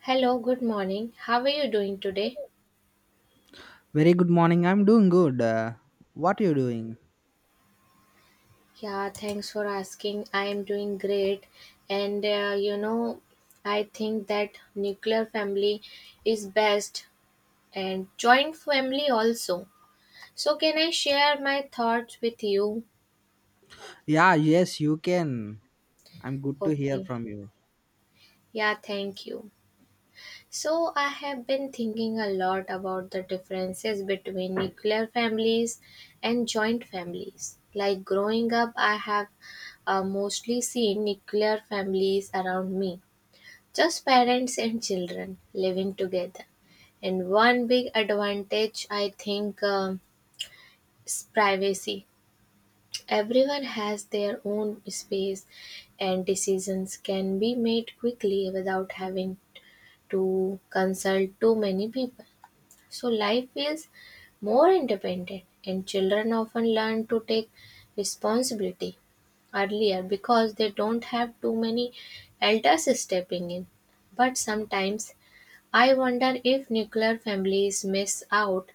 Hello, good morning. How are you doing today? Very good morning. I'm doing good. What are you doing? Yeah, thanks for asking. I am doing great. And I think that nuclear family is best and joint family also. So, can I share my thoughts with you? Yeah, yes, you can. I'm good to hear Okay. from you. Yeah, thank you. So, I have been thinking a lot about the differences between nuclear families and joint families. Like growing up, I have mostly seen nuclear families around me, just parents and children living together. And one big advantage, I think, is privacy. Everyone has their own space, and decisions can be made quickly without having to consult too many people. So life feels more independent, and children often learn to take responsibility earlier because they don't have too many elders stepping in. But sometimes I wonder if nuclear families miss out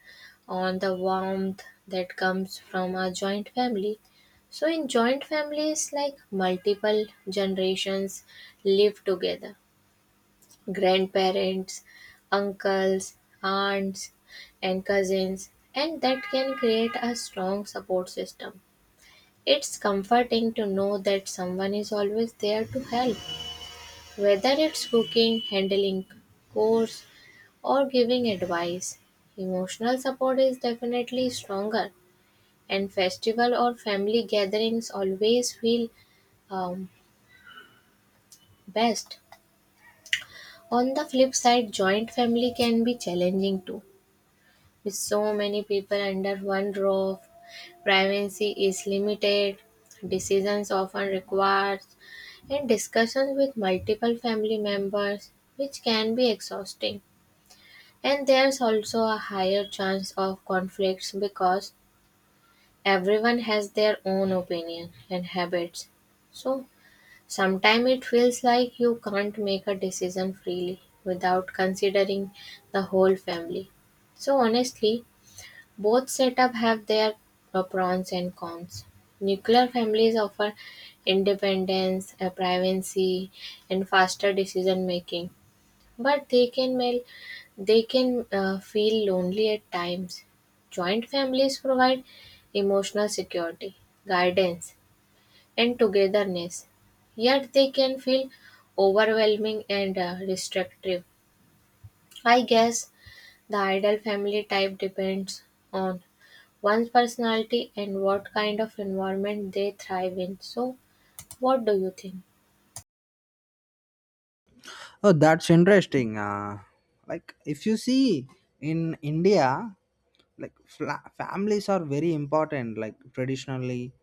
on the warmth that comes from a joint family. So, in joint families, like multiple generations live together grandparents, uncles, aunts, and cousins, and that can create a strong support system. It's comforting to know that someone is always there to help, whether it's cooking, handling chores, or giving advice. Emotional support is definitely stronger, and festival or family gatherings always feel um, best. On the flip side, joint family can be challenging too. With so many people under one roof, privacy is limited, decisions often required, and discussions with multiple family members, which can be exhausting. And there's also a higher chance of conflicts because everyone has their own opinion and habits. So sometimes it feels like you can't make a decision freely without considering the whole family. So honestly, both setups have their pros and cons. Nuclear families offer independence, privacy, and faster decision making, but they can feel lonely at times. Joint families provide emotional security, guidance, and togetherness, yet they can feel overwhelming and restrictive. I guess the ideal family type depends on one's personality and what kind of environment they thrive in. So, what do you think? Oh, that's interesting. Like, if you see in India, families are very important. Like traditionally,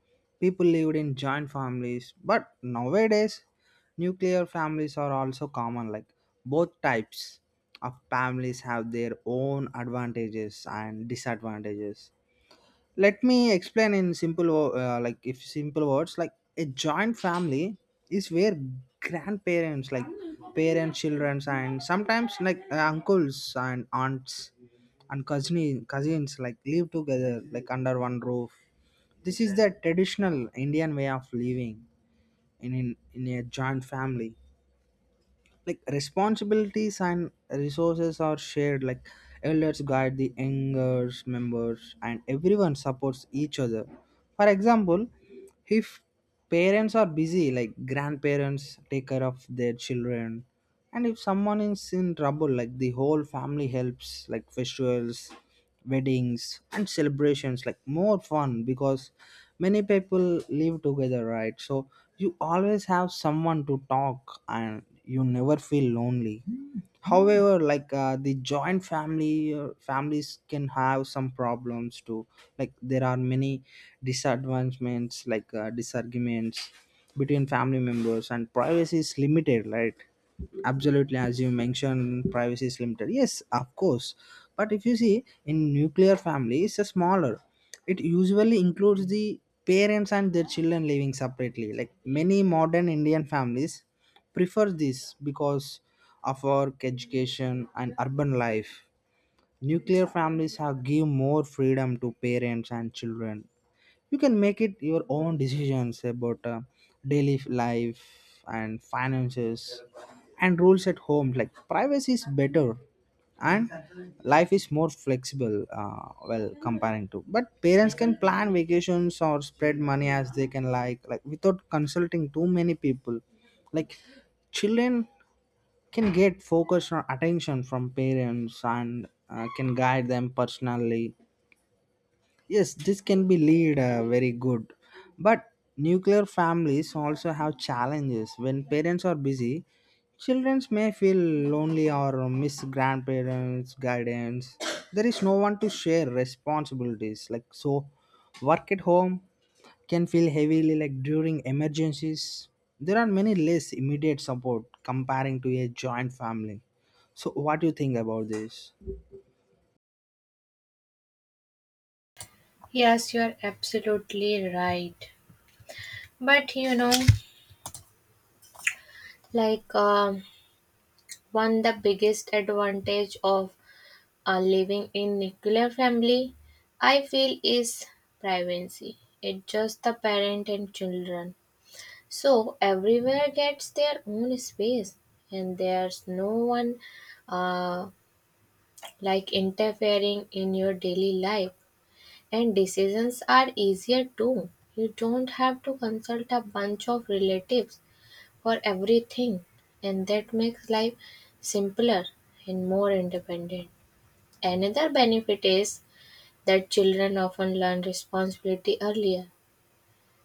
people lived in joint families, but nowadays, nuclear families are also common. Like both types of families have their own advantages and disadvantages. Let me explain in like if simple words, like a joint family is where grandparents, like parents, children, and sometimes like uncles and aunts and cousins, like live together like under one roof. This is the traditional Indian way of living. In a joint family, like responsibilities and resources are shared. Like elders guide the younger members and everyone supports each other. For example, if parents are busy, like grandparents take care of their children. And if someone is in trouble, like the whole family helps. Like festivals, weddings, and celebrations, like more fun because many people live together, right? So you always have someone to talk and you never feel lonely. However, like the joint family families can have some problems too. Like there are many disadvantagements, like disarguments between family members, and privacy is limited, right? Absolutely, as you mentioned, privacy is limited, yes, of course. But if you see, in nuclear families, it's smaller. It usually includes the parents and their children living separately. Like many modern Indian families prefer this because of work, education, and urban life. Nuclear families have give more freedom to parents and children. You can make it your own decisions about daily life and finances and rules at home. Like privacy is better, and life is more flexible, well, comparing to, but parents can plan vacations or spread money as they can, like without consulting too many people. Like children can get focus or attention from parents, and can guide them personally. Yes, this can be lead, very good. But nuclear families also have challenges. When parents are busy, children may feel lonely or miss grandparents' guidance. There is no one to share responsibilities. Like so, work at home can feel heavily, like during emergencies. There are many less immediate support comparing to a joint family. So, what do you think about this? Yes, you are absolutely right. But you know, like one the biggest advantage of living in nuclear family, I feel is privacy. It's just the parent and children. So everywhere gets their own space, and there's no one uh, like interfering in your daily life. And decisions are easier too. You don't have to consult a bunch of relatives for everything, and that makes life simpler and more independent. Another benefit is that children often learn responsibility earlier.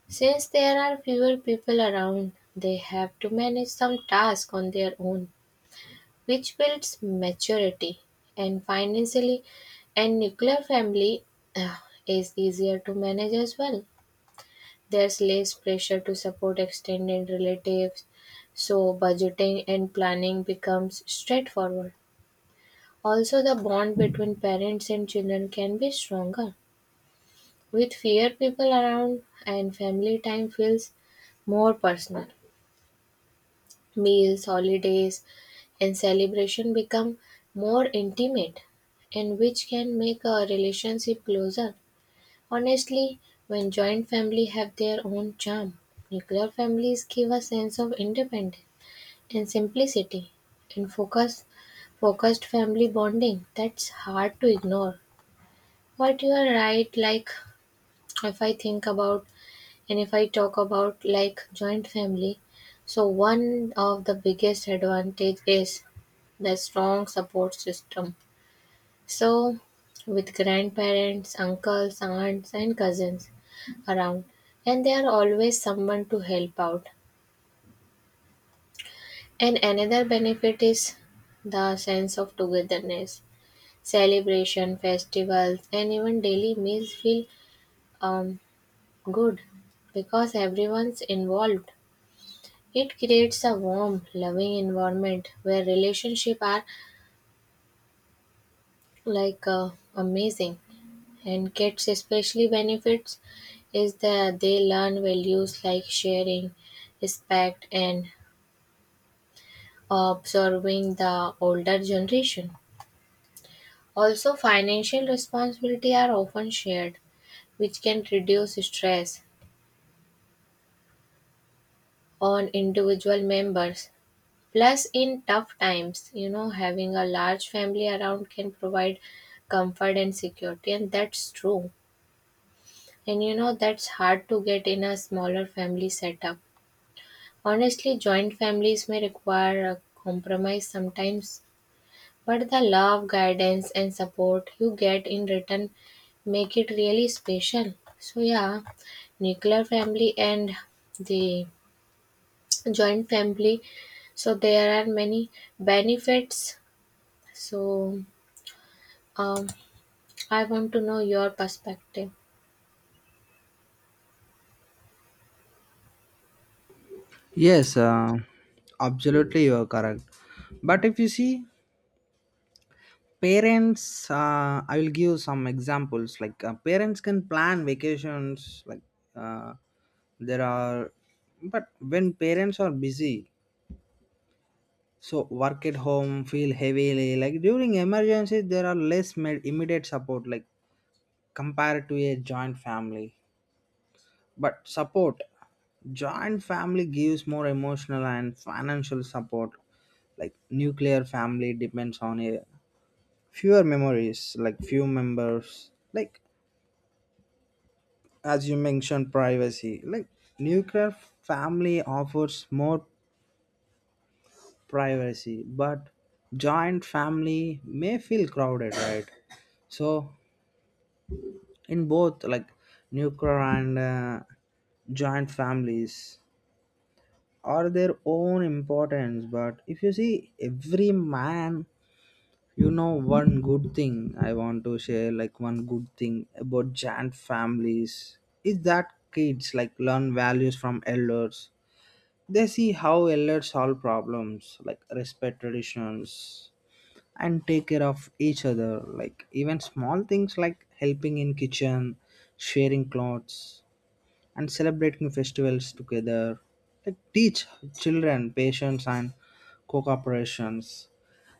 Since there are fewer people around, they have to manage some tasks on their own, which builds maturity. And financially, a nuclear family uh, is easier to manage as well. There's less pressure to support extended relatives, so budgeting and planning becomes straightforward. Also, the bond between parents and children can be stronger. With fewer people around and family time feels more personal. Meals, holidays, and celebration become more intimate, and which can make a relationship closer. Honestly, when joint family have their own charm, nuclear families give a sense of independence and simplicity and focus focused family bonding that's hard to ignore. But you are right, like if I think about and if I talk about like joint family, so one of the biggest advantage is the strong support system, so, with grandparents, uncles, aunts, and cousins around, and there are always someone to help out. And another benefit is the sense of togetherness. Celebration, festivals, and even daily meals feel um, good because everyone's involved. It creates a warm, loving environment where relationships are like amazing. And kids especially benefits is that they learn values like sharing, respect and observing the older generation. Also financial responsibility are often shared which can reduce stress on individual members. Plus in tough times, you know, having a large family around can provide comfort and security and that's true. And you know that's hard to get in a smaller family setup. Honestly, joint families may require a compromise sometimes, but the love, guidance, and support you get in return make it really special. So, yeah, nuclear family and the joint family. So, there are many benefits. So, um, I want to know your perspective. Yes, absolutely, you are correct. But if you see, parents, I will give some examples. Like parents can plan vacations. Like uh, there are, but when parents are busy, so work at home, feel heavily. Like during emergencies, there are immediate support. Like compared to a joint family. But support, joint family gives more emotional and financial support. Like nuclear family depends on a fewer memories, like few members. Like as you mentioned, privacy. Like nuclear family offers more privacy, but joint family may feel crowded, right? So in both, like nuclear and joint families are their own importance. But if you see every man, you know, one good thing I want to share, like one good thing about giant families is that kids like learn values from elders. They see how elders solve problems, like respect traditions and take care of each other. Like even small things like helping in kitchen, sharing clothes, and celebrating festivals together. Like teach children patience and co-cooperations.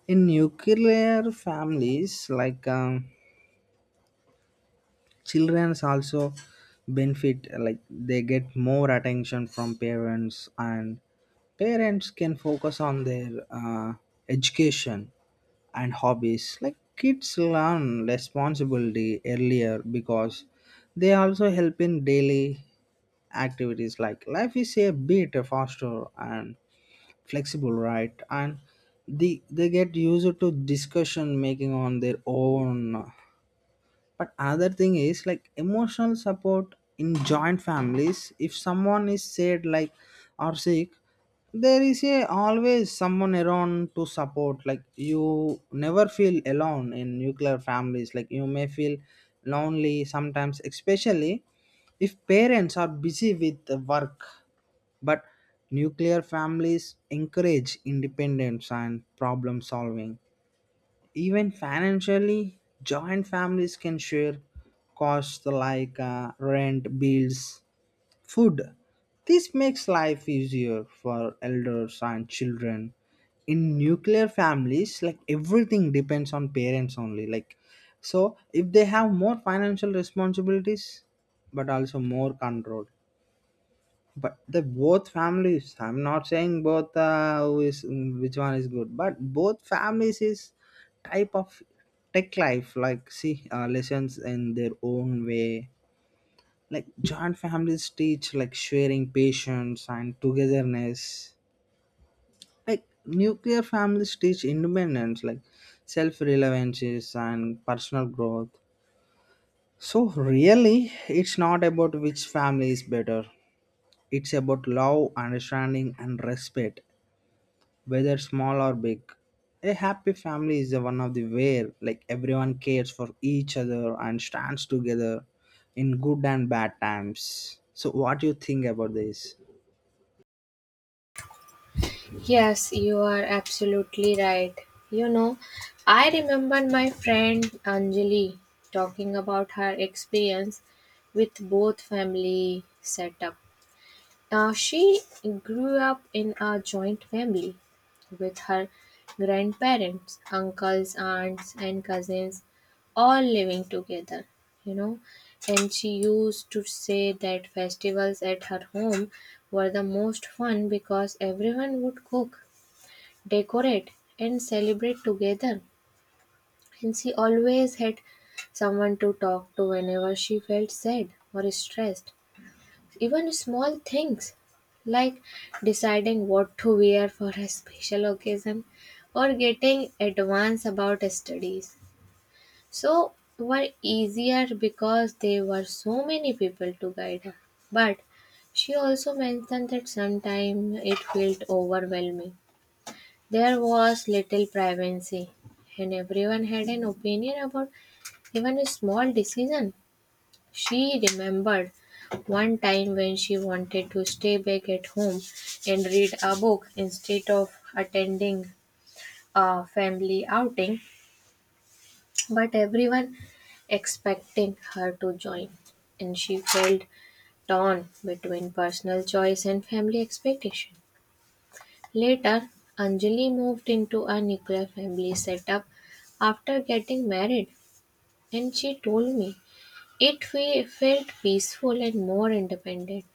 In nuclear families, like childrens also benefit. Like they get more attention from parents, and parents can focus on their education and hobbies. Like kids learn responsibility earlier because they also help in daily activities. Like life is a bit faster and flexible, right? And they get used to discussion making on their own. But another thing is like emotional support in joint families. If someone is sad, like, or sick, there is a always someone around to support. Like you never feel alone. In nuclear families, like you may feel lonely sometimes, especially if parents are busy with the work. But nuclear families encourage independence and problem solving. Even financially, joint families can share costs, like rent, bills, food. This makes life easier for elders and children. In nuclear families, like everything depends on parents only. Like, so if they have more financial responsibilities, but also more control. But the both families, I'm not saying both who is which one is good, but both families is type of tech life, like see lessons in their own way. Like joint families teach like sharing, patience, and togetherness. Like nuclear families teach independence, like self-reliances and personal growth. So really, it's not about which family is better. It's about love, understanding, and respect. Whether small or big, a happy family is the one of the where like everyone cares for each other and stands together in good and bad times. So what do you think about this? Yes, you are absolutely right. You know, I remember my friend Anjali talking about her experience with both family setup. She grew up in a joint family with her grandparents, uncles, aunts, and cousins all living together, you know. And she used to say that festivals at her home were the most fun because everyone would cook decorate, and celebrate together. And she always had someone to talk to whenever she felt sad or stressed. Even small things like deciding what to wear for a special occasion or getting advice about studies. So were easier because there were so many people to guide her. But she also mentioned that sometimes it felt overwhelming there was little privacy, and everyone had an opinion about even a small decision. She remembered one time when she wanted to stay back at home and read a book instead of attending a family outing, but everyone expecting her to join, and she felt torn between personal choice and family expectation. Later, Anjali moved into a nuclear family setup after getting married, and she told me felt peaceful and more independent.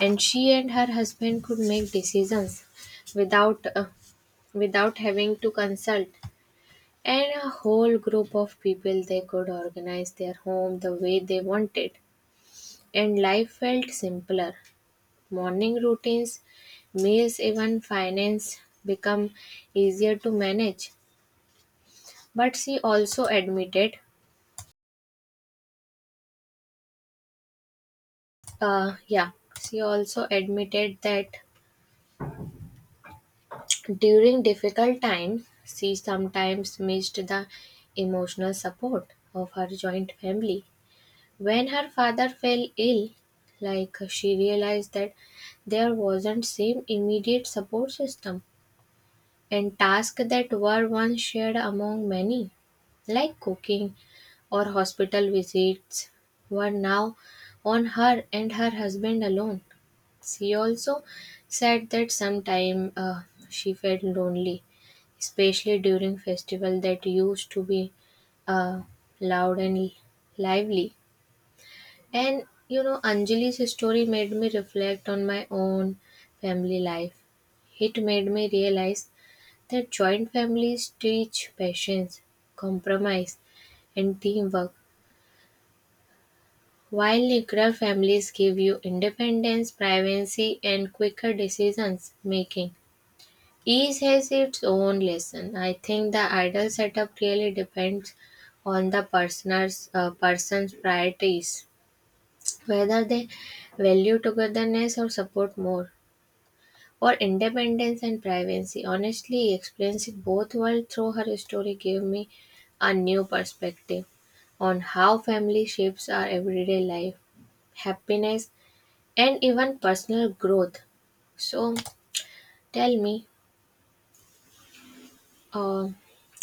And she and her husband could make decisions without without having to consult. And a whole group of people they could organize their home the way they wanted. And life felt simpler. Morning routines meals even finance become easier to manage. But she also admitted, uh, yeah, she also admitted that during difficult times, she sometimes missed the emotional support of her joint family. When her father fell ill, like she realized that there wasn't same immediate support system and tasks that were once shared among many, like cooking or hospital visits, were now on her and her husband alone. She also said that sometimes she felt lonely, especially during festival that used to be uh, loud and lively. And you know, Anjali's story made me reflect on my own family life. It made me realize their joint families teach patience, compromise, and teamwork, while nuclear families give you independence, privacy, and quicker decisions making. Each has its own lesson. I think the ideal setup really depends on the person's priorities, whether they value togetherness or support more. Or independence and privacy, honestly experiencing both worlds through her story gave me a new perspective on how family shapes our everyday life, happiness, and even personal growth. So tell me, uh,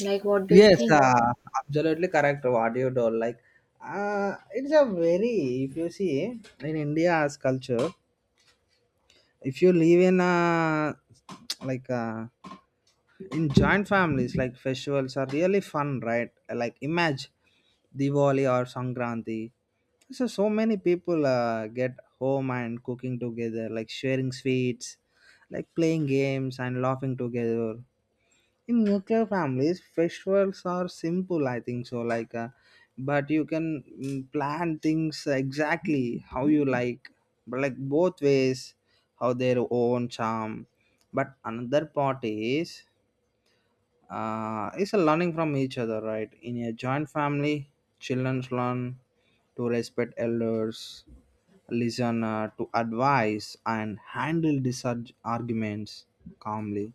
like, what do you Yes, think? Absolutely correct what you told. Like it's a very, if you see in India's culture, if you live in a like a, in joint families, like festivals are really fun, right? Like imagine Diwali or Sankranti. So many people get home and cooking together, like sharing sweets, like playing games and laughing together. In nuclear families, festivals are simple, I think so, like but you can plan things exactly how you like. But like both ways how their own charm. But another part is it's a learning from each other, right? In a joint family, children learn to respect elders, listen to advice, and handle arguments calmly.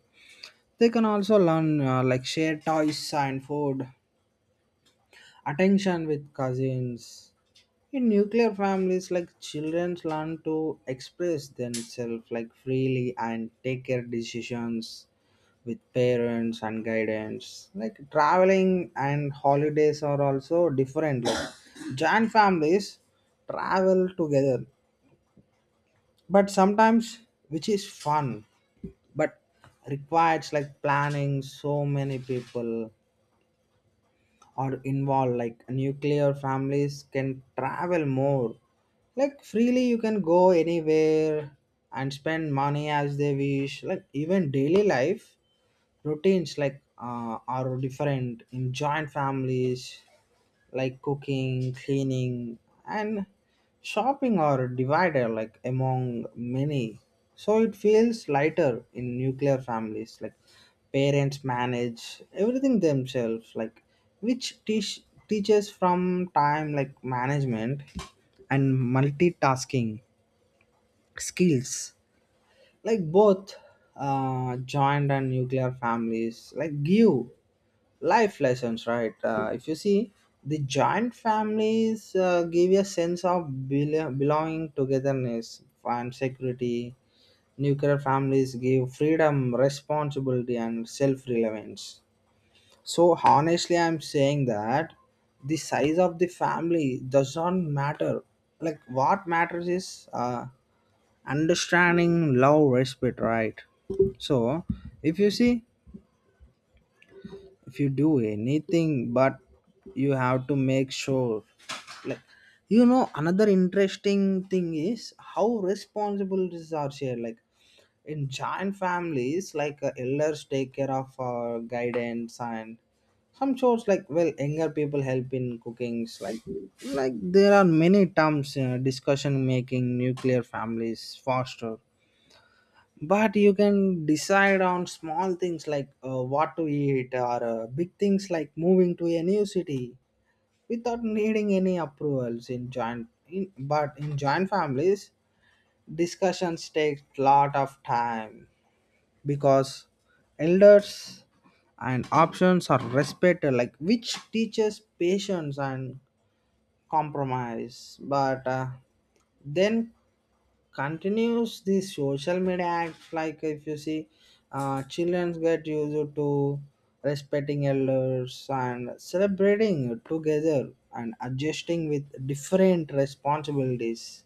They can also learn like share toys and food, attention with cousins. In nuclear families, like children learn to express themselves like freely and take care decisions with parents and guidance. Like traveling and holidays are also different. Like joint families travel together, but sometimes which is fun, but requires like planning, so many people are involved. Like nuclear families can travel more like freely. You can go anywhere and spend money as they wish. Like even daily life routines like are different. In joint families, like cooking, cleaning, and shopping are divided like among many. So it feels lighter. In nuclear families, like parents manage everything themselves, like which teaches from time like management and multitasking skills. Like both joint and nuclear families like give life lessons, right? If you see, the joint families give you a sense of belonging, togetherness, and security. Nuclear families give freedom, responsibility, and self-relevance. So honestly, I'm saying that the size of the family does not matter. Like what matters is understanding, love, respect, right? So if you see, if you do anything, but you have to make sure, like, you know, another interesting thing is how responsibilities are shared. Like in giant families, like elders take care of guidance and some chores, like, well, younger people help in cookings. Like there are many terms, discussion making. Nuclear families foster, but you can decide on small things, like what to eat, or big things like moving to a new city without needing any approvals. But in joint families, discussions take lot of time because elders and options are respected, like which teaches patience and compromise. But then continues the social media acts. Like if you see, children get used to respecting elders and celebrating together and adjusting with different responsibilities.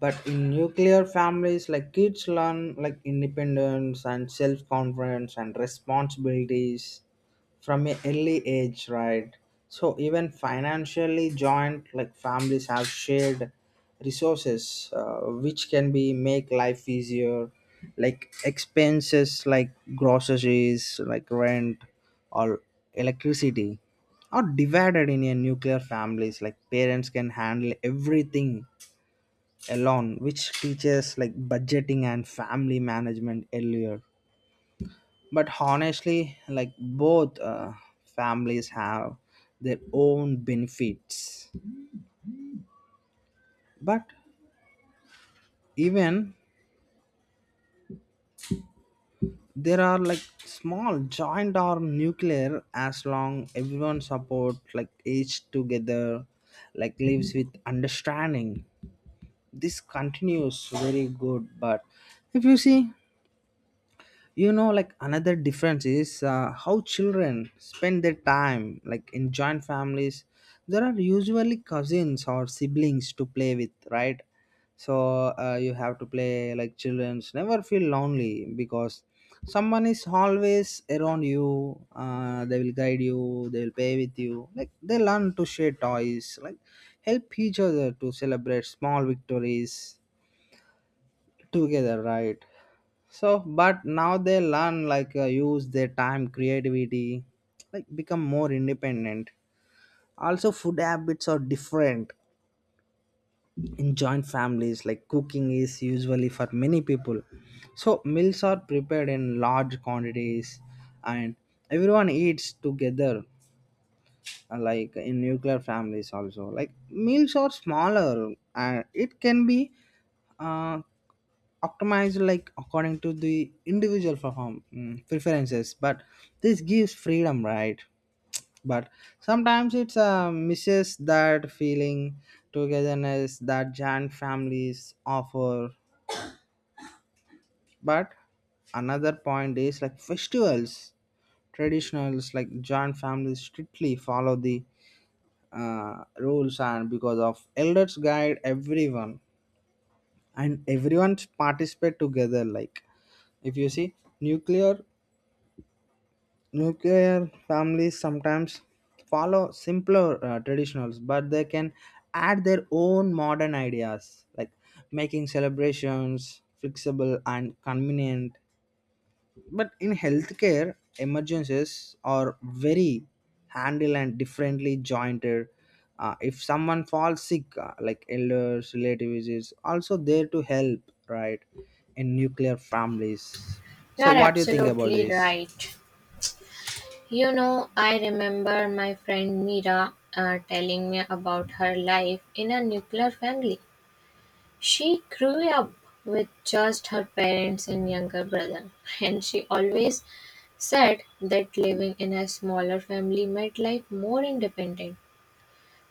But in nuclear families, like kids learn like independence and self-confidence and responsibilities from an early age, right? So even financially, joint like families have shared resources, which can be make life easier. Like expenses like groceries, like rent, or electricity are divided. In a nuclear families, like parents can handle everything alone, which teaches like budgeting and family management earlier. But honestly, like both families have their own benefits. But even there are like small, joint or nuclear, as long everyone support like each together, like lives with understanding, this continues very good. But if you see, you know, like another difference is how children spend their time. Like in joint families, there are usually cousins or siblings to play with, right? So you have to play. Like children's never feel lonely because someone is always around you. They will guide you, they will play with you, like they learn to share toys, like help each other, to celebrate small victories together, right? So but now they learn like use their time creativity, like become more independent. Also, food habits are different. In joint families, like cooking is usually for many people, so meals are prepared in large quantities, and everyone eats together. Like in nuclear families also, like meals are smaller, and it can be uh, optimized like according to the individual preferences. But this gives freedom, right? But sometimes it's misses that feeling togetherness that giant families offer. But another point is like festivals, traditionals. Like giant families strictly follow the rules, and because of elders guide everyone, and everyone participate together. Like if you see, nuclear nuclear families sometimes follow simpler traditionals, but they can add their own modern ideas like making celebrations flexible and convenient. But in healthcare, emergencies are very handled and differently jointed. If someone falls sick, like elders, relatives, is also there to help, right? In nuclear families. You So, are what do you think about absolutely this? right. You know, I remember my friend Mira telling me about her life in a nuclear family. She grew up with just her parents and younger brother, and she always said that living in a smaller family made life more independent.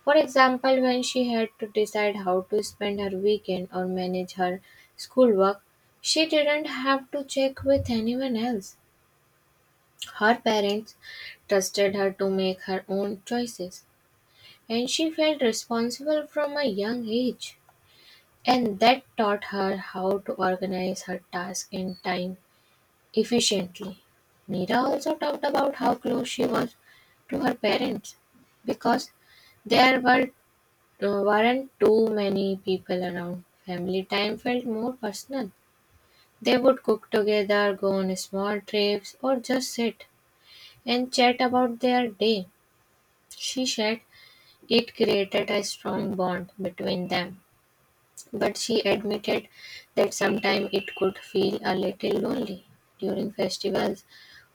For example, when she had to decide how to spend her weekend or manage her schoolwork, she didn't have to check with anyone else. Her parents trusted her to make her own choices, and she felt responsible from a young age. And that taught her how to organize her tasks and time efficiently. Mira also talked about how close she was to her parents because there were, weren't too many people around. Family time felt more personal. They would cook together, go on small trips, or just sit and chat about their day. She said it created a strong bond between them. But she admitted that sometimes it could feel a little lonely during festivals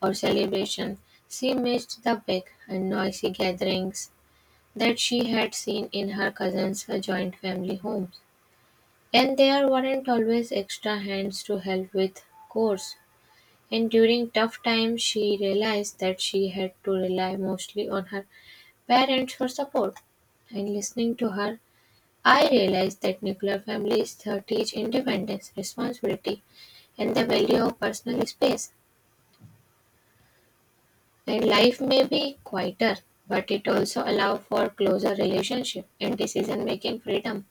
or celebrations. She missed the big and noisy gatherings that she had seen in her cousins' joint family homes. And there weren't always extra hands to help with chores. And during tough times, she realized that she had to rely mostly on her parents for support and listening to her I realized that nuclear families teach independence, responsibility, and the value of personal space. And life may be quieter, but it also allows for closer relationship and decision-making freedom.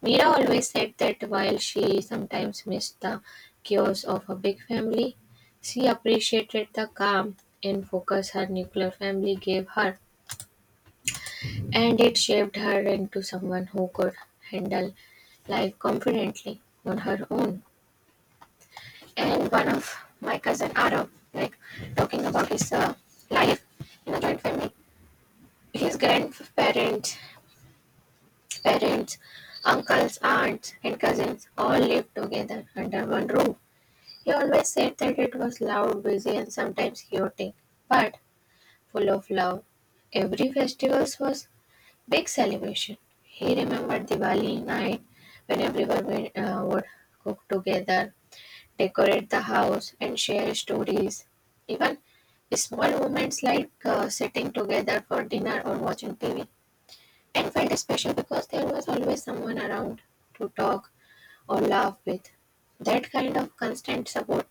Mira always said that while she sometimes missed the chaos of a big family, she appreciated the calm and focus her nuclear family gave her, and it shaped her into someone who could handle life confidently on her own. And one of my cousin Arav, like talking about his life in a joint family. His grandparents, parents, uncles, aunts, and cousins all lived together under one roof. He always said that it was loud, busy, and sometimes chaotic, but full of love. Every festival was big celebration. He remembered Diwali night when everyone would cook together decorate the house and share stories. Even small moments like sitting together for dinner or watching TV. And felt special because there was always someone around to talk or laugh with. That kind of constant support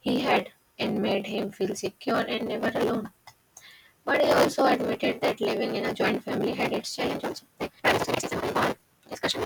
he had and made him feel secure and never alone. But he also admitted that living in a joint family had its challenges. Also, like, privacy, sexism, and all discussion